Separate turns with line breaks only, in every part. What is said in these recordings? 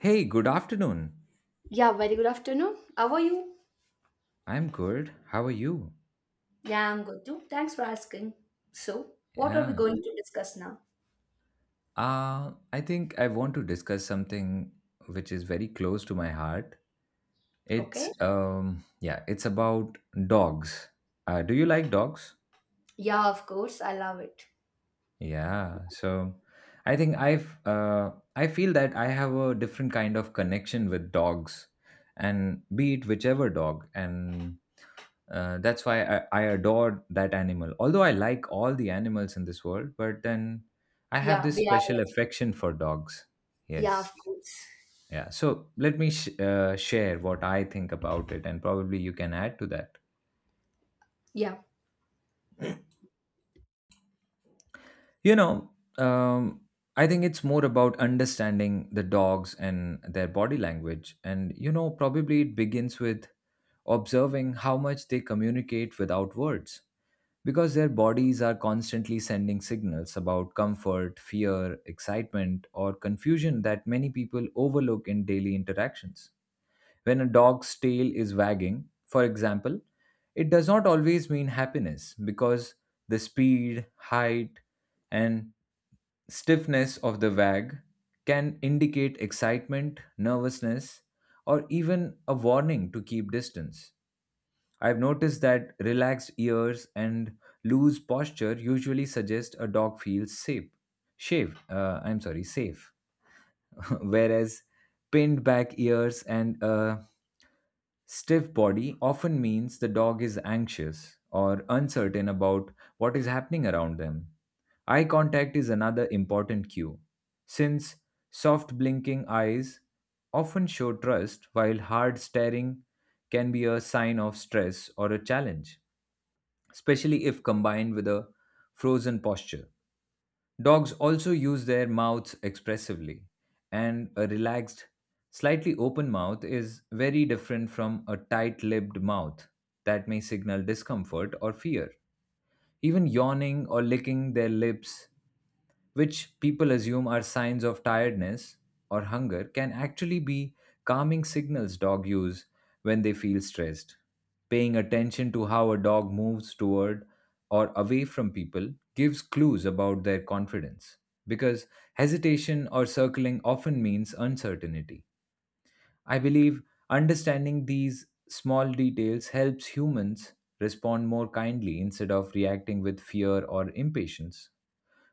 Hey, good afternoon.
Yeah, very good afternoon. How are you?
I'm good. How are you?
Yeah, I'm good too. Thanks for asking. So, what are we
Yeah.
going to discuss now?
I think I want to discuss something which is very close to my heart. It's
Okay.
yeah, it's about dogs. Do you like dogs?
Yeah, of course. I love it.
Yeah. So I think I feel that I have a different kind of connection with dogs and be it whichever dog and That's why I adore that animal. Although I like all the animals in this world, but then I have
Yeah,
this
we are.
special affection for dogs.
Yeah,
Yes.
of course.
Yeah. So let me share what I think about it, and probably you can add to that.
Yeah,
You know, um, I think it's more about understanding the dogs and their body language. And, you know, probably it begins with observing how much they communicate without words because their bodies are constantly sending signals about comfort, fear, excitement, or confusion that many people overlook in daily interactions. When a dog's tail is wagging, for example, it does not always mean happiness because the speed, height, and stiffness of the wag can indicate excitement, nervousness, or even a warning to keep distance. I've noticed that relaxed ears and loose posture usually suggest a dog feels safe, shaved. I'm sorry, safe. Whereas pinned back ears and a stiff body often means the dog is anxious or uncertain about what is happening around them. Eye contact is another important cue, since soft blinking eyes often show trust, while hard staring can be a sign of stress or a challenge especially if combined with a frozen posture. Dogs also use their mouths expressively, and a relaxed, slightly open mouth is very different from a tight lipped mouth that may signal discomfort or fear. Even yawning or licking their lips which people assume are signs of tiredness or hunger, can actually be calming signals dog use when they feel stressed. Paying attention to how a dog moves toward or away from people gives clues about their confidence because hesitation or circling often means uncertainty. I believe understanding these small details helps humans respond more kindly instead of reacting with fear or impatience.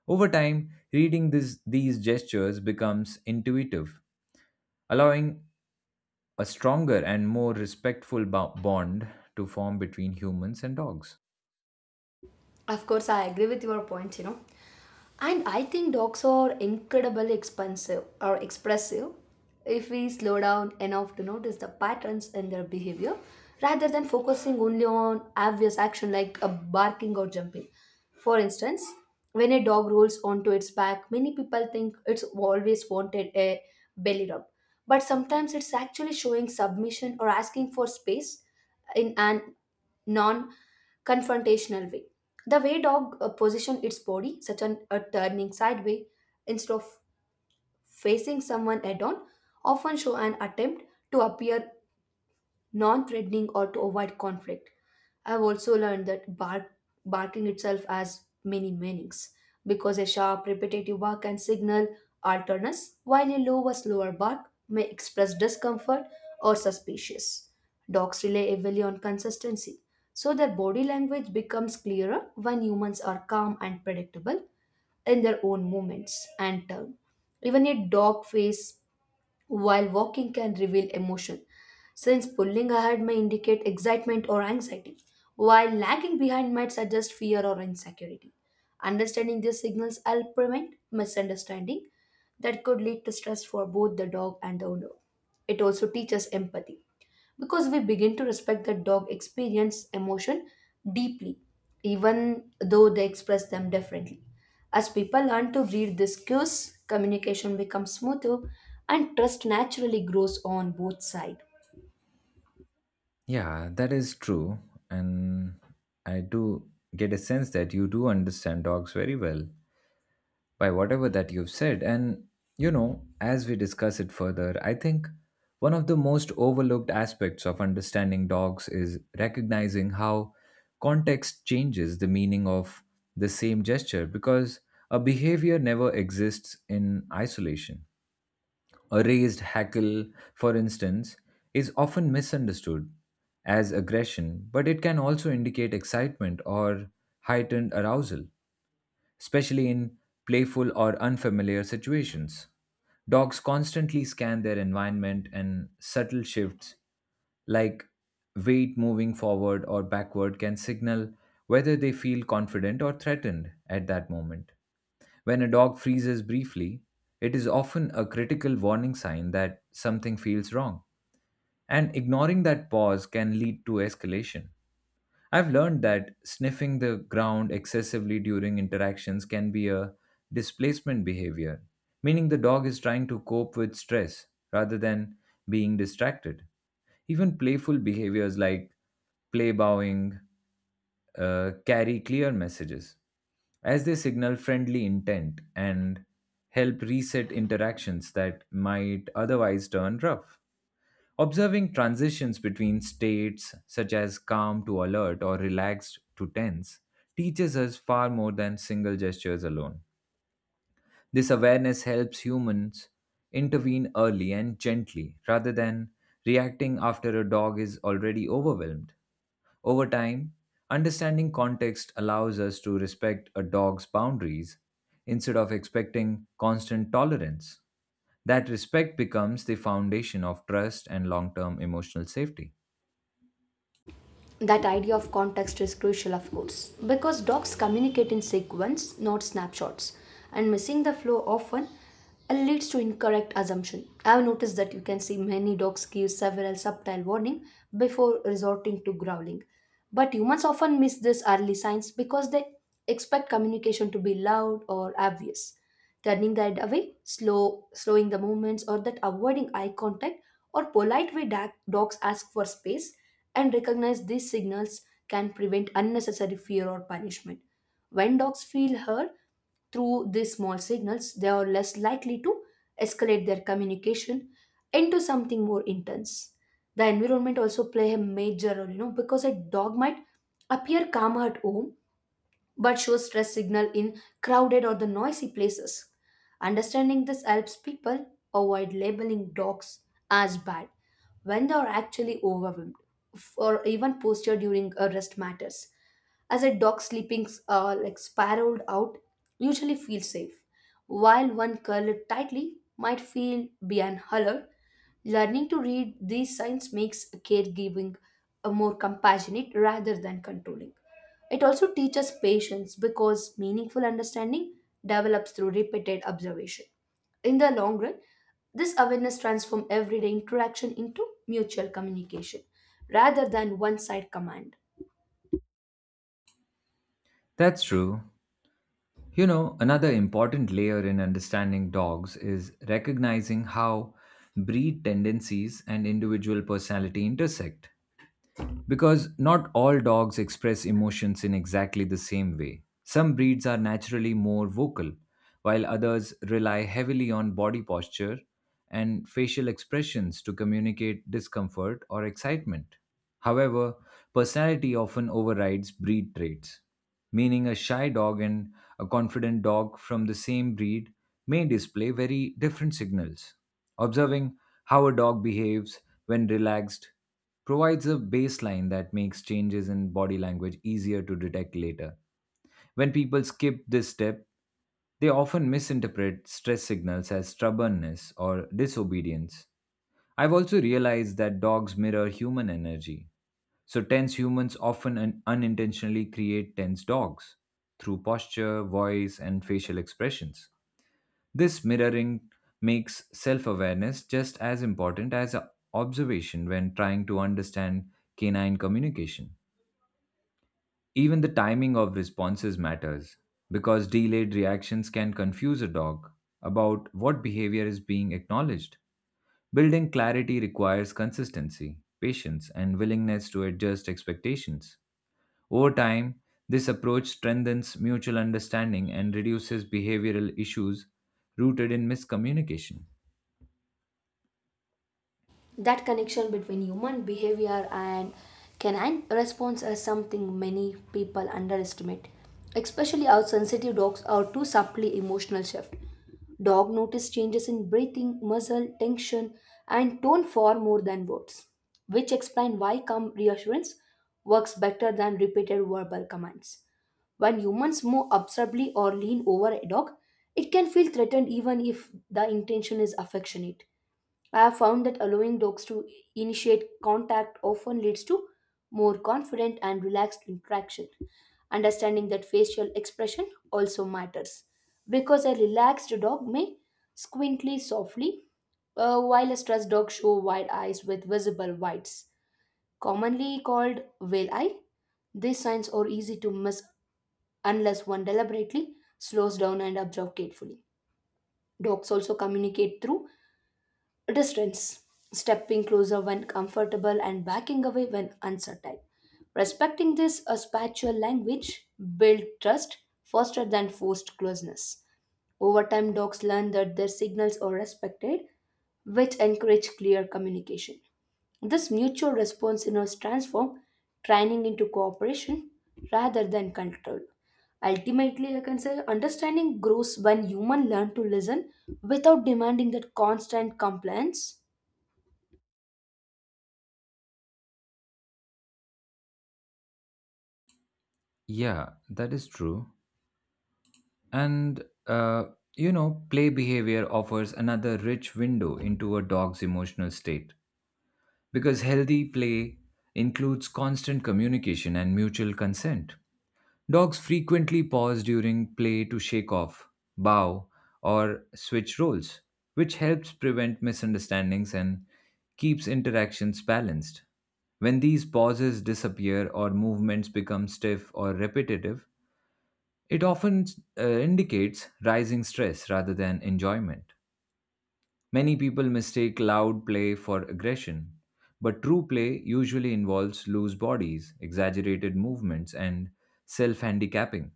Over time, reading these gestures becomes intuitive, allowing a stronger and more respectful bond to form between humans and dogs.
of course. I agree with your point. And I think dogs are incredibly expensive or expressive if we slow down enough to notice the patterns in their behavior rather than focusing only on obvious action like a barking or jumping. For instance, when a dog rolls onto its back, many people think it's always wanted a belly rub. But sometimes it's actually showing submission or asking for space in an non confrontational way. The way dog position its body, such an a turning sideways instead of facing someone head on, often show an attempt to appear non threatening, or to avoid conflict. I've also learned that barking itself has many meanings because a sharp, repetitive bark can signal alertness, while a lower, slower bark may express discomfort or suspicious. Dogs rely heavily on consistency, so their body language becomes clearer when humans are calm and predictable in their own movements and turn. Even a dog face while walking can reveal emotion, since pulling ahead may indicate excitement or anxiety, while lagging behind might suggest fear or insecurity. Understanding these signals help prevent misunderstanding that could lead to stress for both the dog and the owner. It also teaches empathy because we begin to respect the dog experience emotion deeply even though they express them differently, as people learn to read these cues, communication becomes smoother and trust naturally grows on both sides.
Yeah, that is true. And I do get a sense that you do understand dogs very well. By whatever that you've said. And, you know, as we discuss it further, I think one of the most overlooked aspects of understanding dogs is recognizing how context changes the meaning of the same gesture because a behavior never exists in isolation. A raised hackle, for instance, is often misunderstood as aggression, but it can also indicate excitement or heightened arousal especially in playful or unfamiliar situations. Dogs constantly scan their environment and subtle shifts like weight moving forward or backward can signal whether they feel confident or threatened at that moment. When a dog freezes briefly, it is often a critical warning sign that something feels wrong, and ignoring that pause can lead to escalation. I've learned that sniffing the ground excessively during interactions can be a displacement behavior, meaning the dog is trying to cope with stress rather than being distracted. Even playful behaviors like play bowing carry clear messages, as they signal friendly intent and help reset interactions that might otherwise turn rough. Observing transitions between states, such as calm to alert or relaxed to tense, teaches us far more than single gestures alone. This awareness helps humans intervene early and gently rather than reacting after a dog is already overwhelmed. Over time, understanding context allows us to respect a dog's boundaries instead of expecting constant tolerance. That respect becomes the foundation of trust and long term emotional safety.
That idea of context is crucial, of course, because dogs communicate in sequence, not snapshots, and missing the flow often leads to incorrect assumption. I have noticed that you can see many dogs give several subtle warning before resorting to growling, but humans often miss these early signs because they expect communication to be loud or obvious. Turning the head away, slowing the movements, or that avoiding eye contact or polite way dogs ask for space, and recognize these signals can prevent unnecessary fear or punishment. When dogs feel heard through these small signals, they are less likely to escalate their communication into something more intense. The environment also play a major role, you know, because a dog might appear calmer at home but shows stress signal in crowded or the noisy places. Understanding this helps people avoid labeling dogs as bad when they are actually overwhelmed. Or even posture during a rest matters, as a dog sleeping like spiraled out usually feels safe, while one curled tightly might feel be an alert. Learning to read these signs makes caregiving a more compassionate rather than controlling. It also teaches patience because meaningful understanding develops through repeated observation. In the long run, this awareness transforms everyday interaction into mutual communication rather than one side command.
That's true. You know, another important layer in understanding dogs is recognizing how breed tendencies and individual personality intersect. Because not all dogs express emotions in exactly the same way. Some breeds are naturally more vocal, while others rely heavily on body posture and facial expressions to communicate discomfort or excitement. However, personality often overrides breed traits, meaning a shy dog and a confident dog from the same breed may display very different signals. Observing how a dog behaves when relaxed provides a baseline that makes changes in body language easier to detect later. When people skip this step, they often misinterpret stress signals as stubbornness or disobedience. I've also realized that dogs mirror human energy so, tense humans often unintentionally create tense dogs through posture, voice, and facial expressions. This mirroring makes self awareness just as important as observation when trying to understand canine communication. Even the timing of responses matters because delayed reactions can confuse a dog about what behavior is being acknowledged. Building clarity requires consistency, patience, and willingness to adjust expectations. Over time, this approach strengthens mutual understanding and reduces behavioral issues rooted in miscommunication.
That connection between human behavior and canine response is something many people underestimate, especially how sensitive dogs are to subtly emotional shift. Dog notice changes in breathing, muzzle tension, and tone far more than words, which explain why calm reassurance works better than repeated verbal commands. When humans move observably or lean over a dog, it can feel threatened even if the intention is affectionate. I have found that allowing dogs to initiate contact often leads to more confident and relaxed interaction. Understanding that facial expression also matters because a relaxed dog may squintly softly, while a stressed dog show wide eyes with visible whites, commonly called whale eye. These signs are easy to miss unless one deliberately slows down and observes carefully. Dogs also communicate through distance, stepping closer when comfortable and backing away when uncertain. Respecting this a spiritual language build trust faster than forced closeness. Over time, dogs learn that their signals are respected, which encourage clear communication. This mutual responsiveness transforms training into cooperation rather than control. Ultimately, I can say understanding grows when humans learn to listen without demanding that constant compliance.
Yeah, that is true. And, uh, you know, play behavior offers another rich window into a dog's emotional state because healthy play includes constant communication and mutual consent. Dogs frequently pause during play to shake off, bow, or switch roles, which helps prevent misunderstandings and keeps interactions balanced. When these pauses disappear or movements become stiff or repetitive, it often indicates rising stress rather than enjoyment. Many people mistake loud play for aggression, but true play usually involves loose bodies, exaggerated movements, and self handicapping.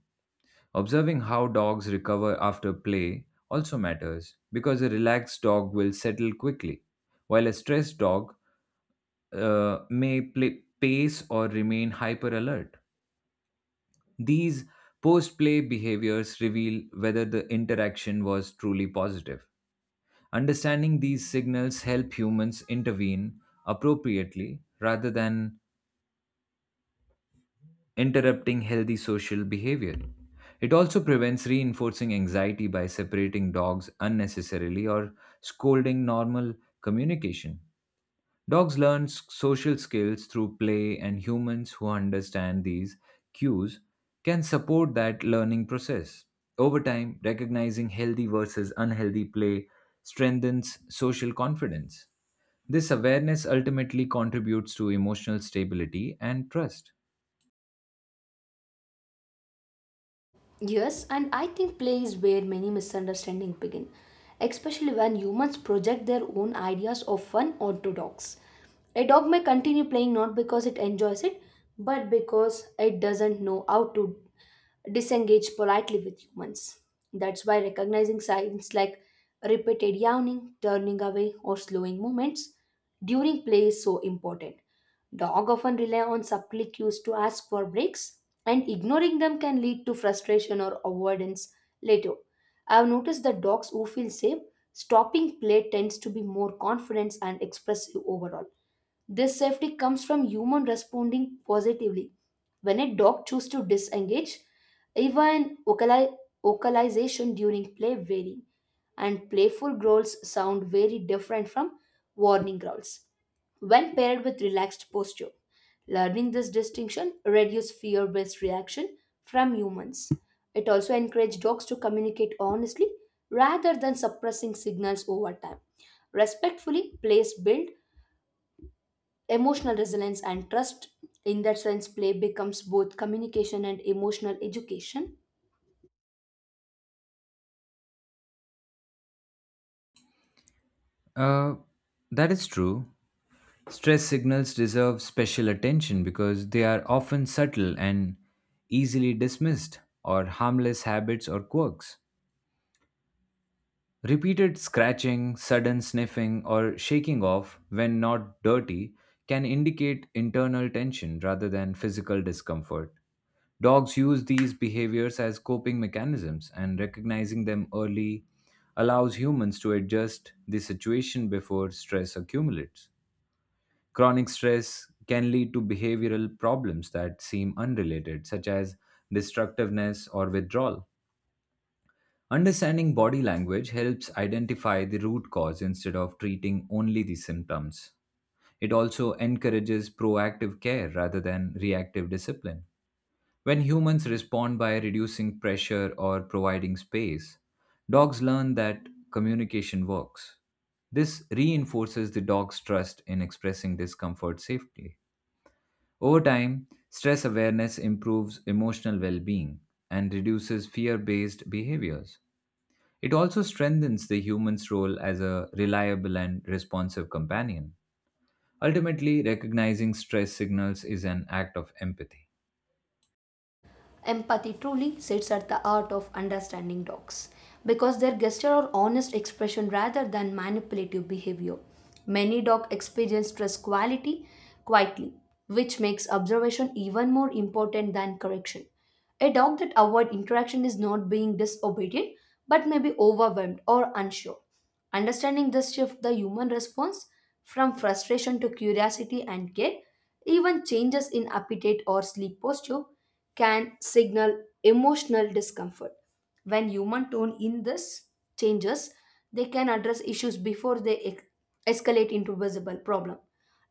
Observing how dogs recover after play also matters because a relaxed dog will settle quickly, while a stressed dog may play, pace or remain hyper alert. These post play behaviors reveal whether the interaction was truly positive. Understanding these signals help humans intervene appropriately rather than interrupting healthy social behavior. It also prevents reinforcing anxiety by separating dogs unnecessarily or scolding normal communication. Dogs learn social skills through play, and humans who understand these cues can support that learning process. Over time, recognizing healthy versus unhealthy play strengthens social confidence. This awareness ultimately contributes to emotional stability and trust.
Yes, and I think play is where many misunderstandings begin, especially when humans project their own ideas of fun onto dogs. A dog may continue playing not because it enjoys it, but because it doesn't know how to disengage politely with humans. That's why recognizing signs like repeated yawning, turning away, or slowing movements during play is so important. Dogs often rely on subtle cues to ask for breaks, and ignoring them can lead to frustration or avoidance later. I've noticed that dogs who feel safe stopping play tends to be more confident and expressive overall. This safety comes from human responding positively. When a dog chooses to disengage, even vocalization during play vary, and playful growls sound very different from warning growls when paired with relaxed posture. Learning this distinction reduces fear-based reaction from humans. It also encourages dogs to communicate honestly rather than suppressing signals over time. Respectfully, plays build emotional resilience and trust. In that sense, play becomes both communication and emotional education.
Uh, that is true. Stress signals deserve special attention because they are often subtle and easily dismissed, or harmless habits or quirks. Repeated scratching, sudden sniffing, or shaking off when not dirty can indicate internal tension rather than physical discomfort. Dogs use these behaviors as coping mechanisms, and recognizing them early allows humans to adjust the situation before stress accumulates. Chronic stress can lead to behavioral problems that seem unrelated, such as destructiveness or withdrawal. Understanding body language helps identify the root cause instead of treating only the symptoms. It also encourages proactive care rather than reactive discipline. When humans respond by reducing pressure or providing space, dogs learn that communication works. This reinforces the dog's trust in expressing discomfort safely. Over time, stress awareness improves emotional well being and reduces fear based behaviors. It also strengthens the human's role as a reliable and responsive companion. Ultimately, recognizing stress signals is an act of empathy.
Empathy truly sits at the heart of understanding dogs because their gesture are honest expression rather than manipulative behavior. Many dogs experience stress quality quietly, which makes observation even more important than correction. A dog that avoids interaction is not being disobedient but may be overwhelmed or unsure. Understanding this shift the human response from frustration to curiosity and care, even changes in appetite or sleep posture can signal emotional discomfort. When human tone in this changes, they can address issues before they escalate into visible problem.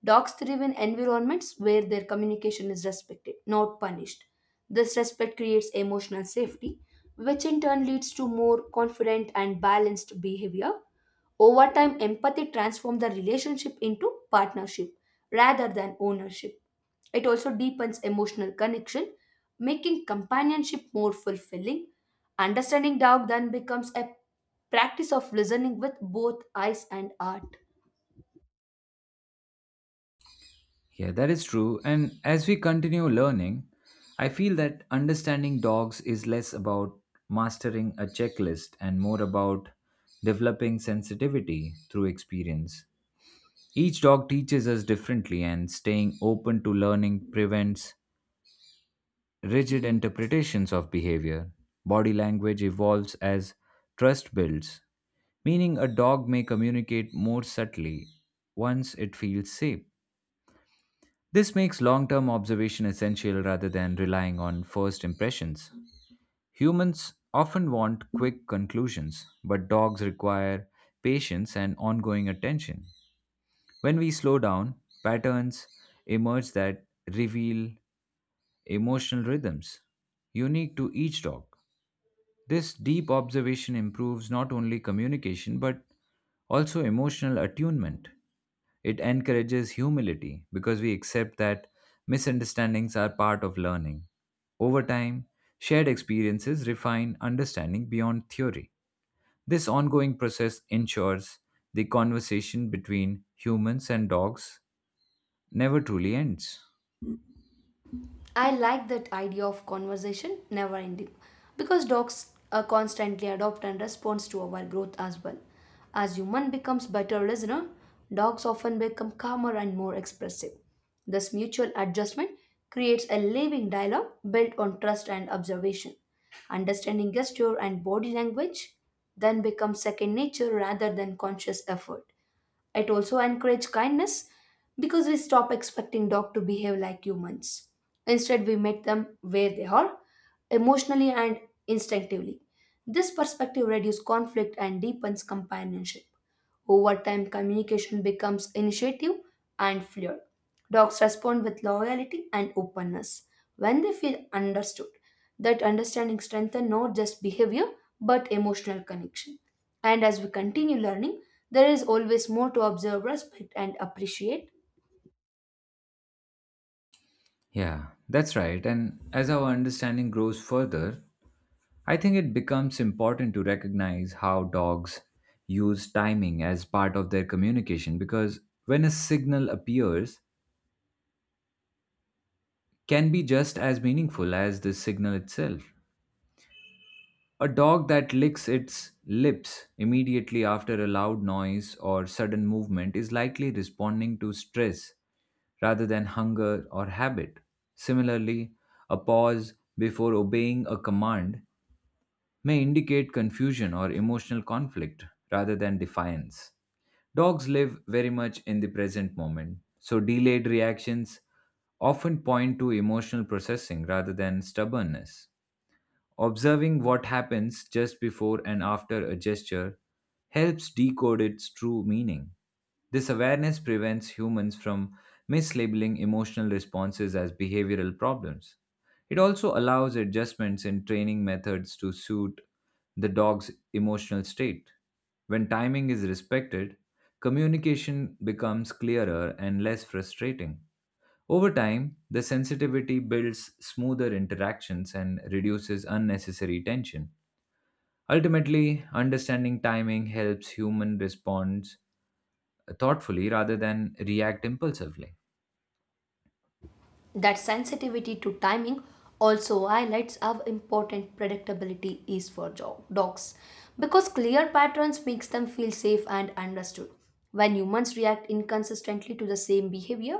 Dogs thrive in environments where their communication is respected, not punished. This respect creates emotional safety, which in turn leads to more confident and balanced behavior. Over time, empathy transforms the relationship into partnership rather than ownership. It also deepens emotional connection, making companionship more fulfilling. Understanding doubt then becomes a practice of listening with both eyes and heart.
Yeah, that is true. And as we continue learning, I feel that understanding dogs is less about mastering a checklist and more about developing sensitivity through experience Each dog teaches us differently, and staying open to learning prevents rigid interpretations of behavior. Body language evolves as trust builds, meaning a dog may communicate more subtly once it feels safe. This makes long term observation essential rather than relying on first impressions. Humans often want quick conclusions, but dogs require patience and ongoing attention. When we slow down, patterns emerge that reveal emotional rhythms unique to each dog. This deep observation improves not only communication but also emotional attunement. It encourages humility because we accept that misunderstandings are part of learning. Over time, shared experiences refine understanding beyond theory. This ongoing process ensures the conversation between humans and dogs never truly ends.
I like that idea of conversation never ending because dogs constantly adopt and respond to our growth as well. As human becomes better listener, dogs often become calmer and more expressive. This mutual adjustment creates a living dialogue built on trust and observation. Understanding gesture and body language then becomes second nature rather than conscious effort. It also encourages kindness because we stop expecting dogs to behave like humans. Instead, we meet them where they are, emotionally and instinctively. This perspective reduces conflict and deepens companionship. Over time, communication becomes initiative and fluid. Dogs respond with loyalty and openness when they feel understood. That understanding strengthens not just behavior but emotional connection. And as we continue learning, there is always more to observe, respect, and appreciate.
Yeah, that's right. And as our understanding grows further, I think it becomes important to recognize how dogs use timing as part of their communication because when a signal appears can be just as meaningful as the signal itself. A dog that licks its lips immediately after a loud noise or sudden movement is likely responding to stress rather than hunger or habit. Similarly, a pause before obeying a command may indicate confusion or emotional conflict rather than defiance. Dogs live very much in the present moment, so delayed reactions often point to emotional processing rather than stubbornness. Observing what happens just before and after a gesture helps decode its true meaning. This awareness prevents humans from mislabeling emotional responses as behavioral problems. It also allows adjustments in training methods to suit the dog's emotional state. When timing is respected, communication becomes clearer and less frustrating. Over time, the sensitivity builds smoother interactions and reduces unnecessary tension. Ultimately, understanding timing helps human responds thoughtfully rather than react impulsively.
That sensitivity to timing also highlights how important predictability is for dogs because clear patterns makes them feel safe and understood. When humans react inconsistently to the same behavior,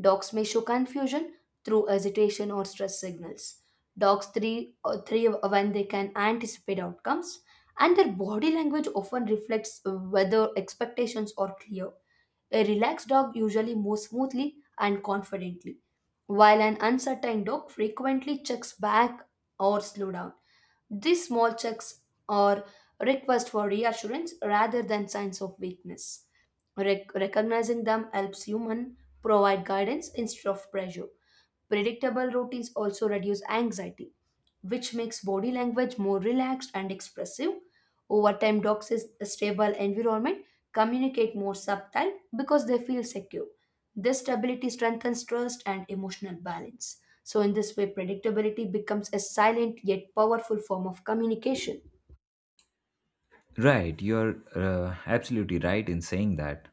dogs may show confusion through hesitation or stress signals. Dogs three when they can anticipate outcomes, and their body language often reflects whether expectations are clear. A relaxed dog usually moves smoothly and confidently, while an uncertain dog frequently checks back or slow down. These small checks are requests for reassurance rather than signs of weakness. Recognizing them helps human provide guidance instead of pressure. Predictable routines also reduce anxiety, which makes body language more relaxed and expressive. Over time, dogs in a stable environment communicate more subtle because they feel secure. This stability strengthens trust and emotional balance. So, in this way, predictability becomes a silent yet powerful form of communication.
Right, you're absolutely right in saying that.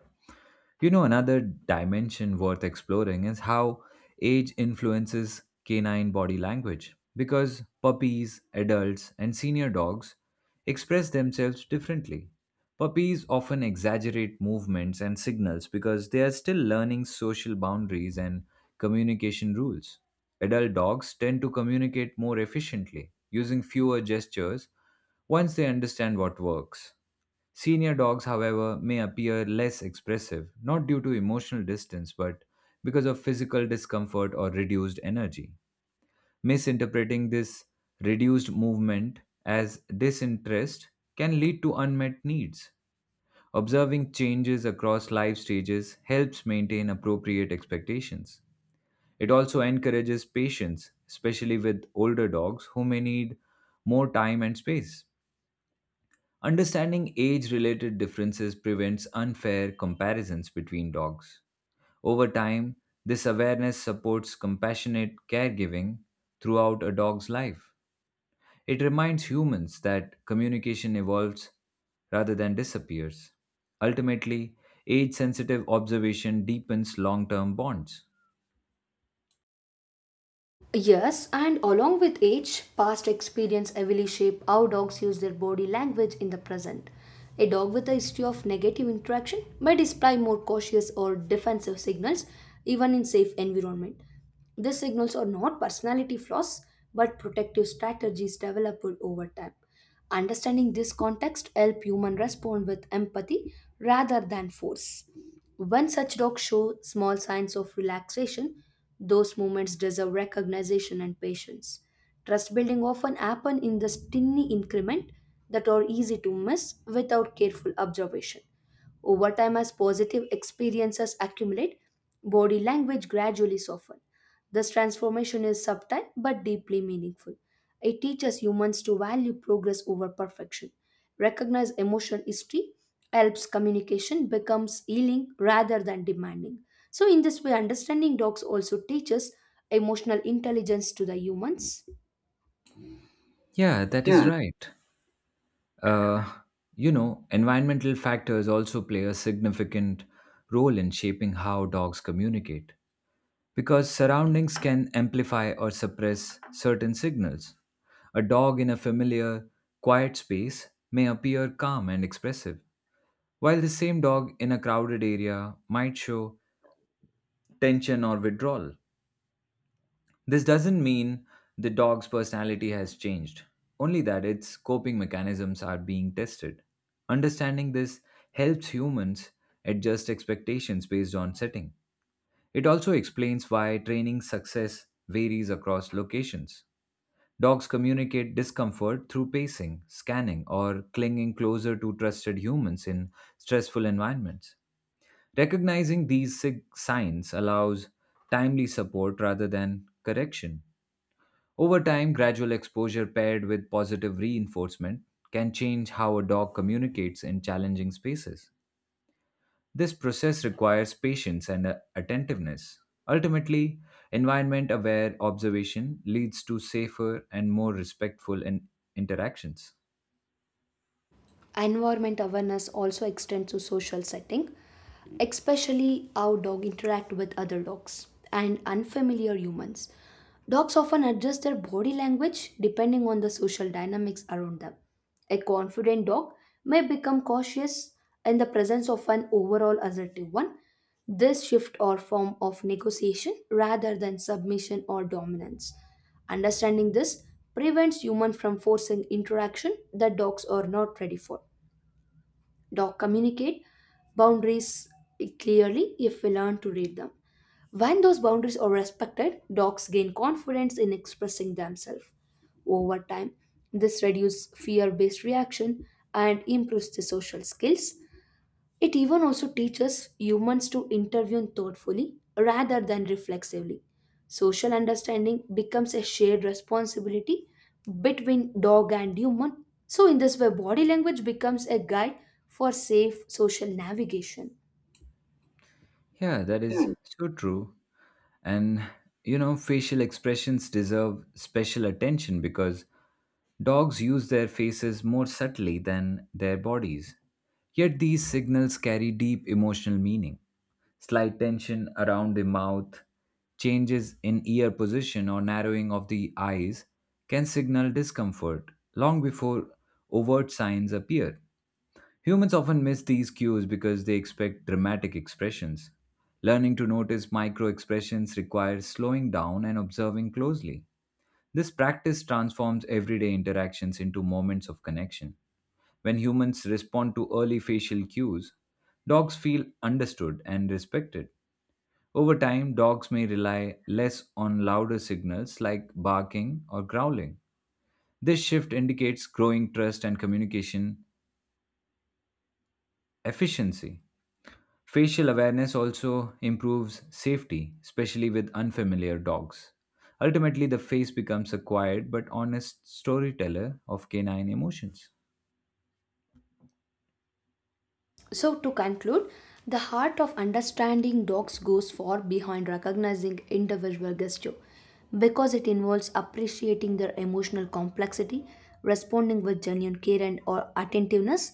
You know, another dimension worth exploring is how age influences canine body language because puppies, adults, and senior dogs express themselves differently. Puppies often exaggerate movements and signals because they are still learning social boundaries and communication rules. Adult dogs tend to communicate more efficiently using fewer gestures once they understand what works. Senior dogs, however, may appear less expressive, not due to emotional distance, but because of physical discomfort or reduced energy. Misinterpreting this reduced movement as disinterest can lead to unmet needs. Observing changes across life stages helps maintain appropriate expectations. It also encourages patience, especially with older dogs who may need more time and space. Understanding age related differences prevents unfair comparisons between dogs. Over time, this awareness supports compassionate caregiving throughout a dog's life. It reminds humans that communication evolves rather than disappears. Ultimately, age sensitive observation deepens long term bonds.
Yes, and along with age, past experience heavily shape how dogs use their body language in the present. A dog with a history of negative interaction may display more cautious or defensive signals even in safe environment. These signals are not personality flaws but protective strategies developed over time. Understanding this context help human respond with empathy rather than force. When such dogs show small signs of relaxation, those moments deserve recognition and patience. Trust building often happen in this tiny increment that are easy to miss without careful observation. Over time, as positive experiences accumulate, body language gradually softens. This transformation is subtle but deeply meaningful. It teaches humans to value progress over perfection. Recognize emotional history helps communication becomes healing rather than demanding. So, in this way, understanding dogs also teaches emotional intelligence to the humans.
Yeah, that is
Yeah.
right. Uh, you know, environmental factors also play a significant role in shaping how dogs communicate. Because surroundings can amplify or suppress certain signals. A dog in a familiar, quiet space may appear calm and expressive, while the same dog in a crowded area might show tension or withdrawal. This doesn't mean the dog's personality has changed, only that its coping mechanisms are being tested. Understanding this helps humans adjust expectations based on setting. It also explains why training success varies across locations. Dogs communicate discomfort through pacing, scanning, or clinging closer to trusted humans in stressful environments. Recognizing these signs allows timely support rather than correction. Over time, gradual exposure paired with positive reinforcement can change how a dog communicates in challenging spaces. This process requires patience and attentiveness. Ultimately, environment aware observation leads to safer and more respectful interactions.
Environment awareness also extends to social setting, especially how dogs interact with other dogs and unfamiliar humans. Dogs often adjust their body language depending on the social dynamics around them. A confident dog may become cautious in the presence of an overall assertive one. This shift or form of negotiation rather than submission or dominance. Understanding this prevents humans from forcing interaction that dogs are not ready for. Dog communicate boundaries clearly if we learn to read them. When those boundaries are respected, dogs gain confidence in expressing themselves. Over time, this reduces fear based reaction and improves the social skills. It even also teaches humans to intervene thoughtfully rather than reflexively. Social understanding becomes a shared responsibility between dog and human. So, in this way, body language becomes a guide for safe social navigation.
Yeah, that is so true. And you know, facial expressions deserve special attention because dogs use their faces more subtly than their bodies. Yet these signals carry deep emotional meaning. Slight tension around the mouth, changes in ear position, or narrowing of the eyes can signal discomfort long before overt signs appear. Humans often miss these cues because they expect dramatic expressions. Learning to notice micro expressions requires slowing down and observing closely. This practice transforms everyday interactions into moments of connection. When humans respond to early facial cues, dogs feel understood and respected. Over time, dogs may rely less on louder signals like barking or growling. This shift indicates growing trust and communication efficiency. Facial awareness also improves safety, especially with unfamiliar dogs. Ultimately, the face becomes a quiet but honest storyteller of canine emotions.
So, to conclude, the heart of understanding dogs goes far behind recognizing individual gesture because it involves appreciating their emotional complexity, responding with genuine care and or attentiveness,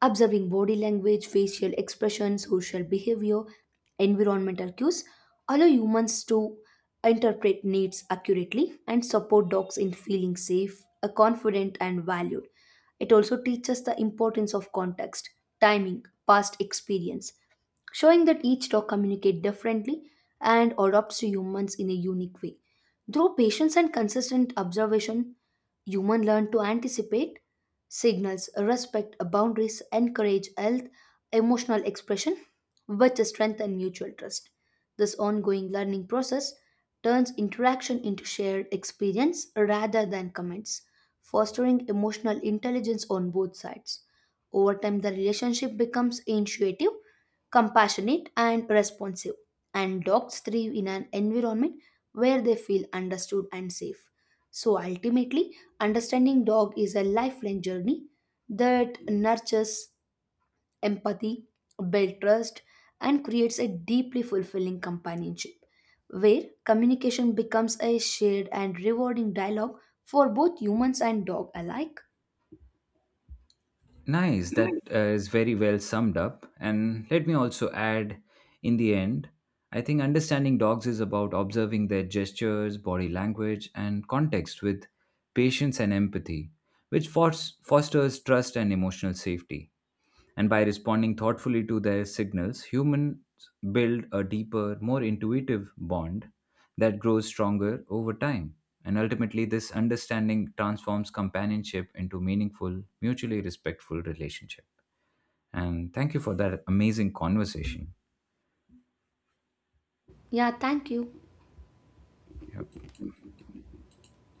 observing body language, facial expressions, social behavior, environmental cues, allow humans to interpret needs accurately and support dogs in feeling safe, confident and valued. It also teaches the importance of context, timing, past experience, showing that each dog communicates differently and adapts to humans in a unique way. Through patience and consistent observation, humans learn to anticipate signals, respect boundaries, encourage health, emotional expression, which strengthen mutual trust. This ongoing learning process turns interaction into shared experience rather than comments, fostering emotional intelligence on both sides. Over time, the relationship becomes intuitive compassionate and responsive, and dogs thrive in an environment where they feel understood and safe. So ultimately, understanding dog is a lifelong journey that nurtures empathy, builds trust, and creates a deeply fulfilling companionship, where communication becomes a shared and rewarding dialogue for both humans and dog alike.
Nice, that is very well summed up. And let me also add in the end, I think understanding dogs is about observing their gestures, body language, and context with patience and empathy, which fosters trust and emotional safety. And by responding thoughtfully to their signals, humans build a deeper, more intuitive bond that grows stronger over time. And ultimately, this understanding transforms companionship into meaningful, mutually respectful relationship. And thank you for that amazing conversation.
Yeah, thank you.
Yeah.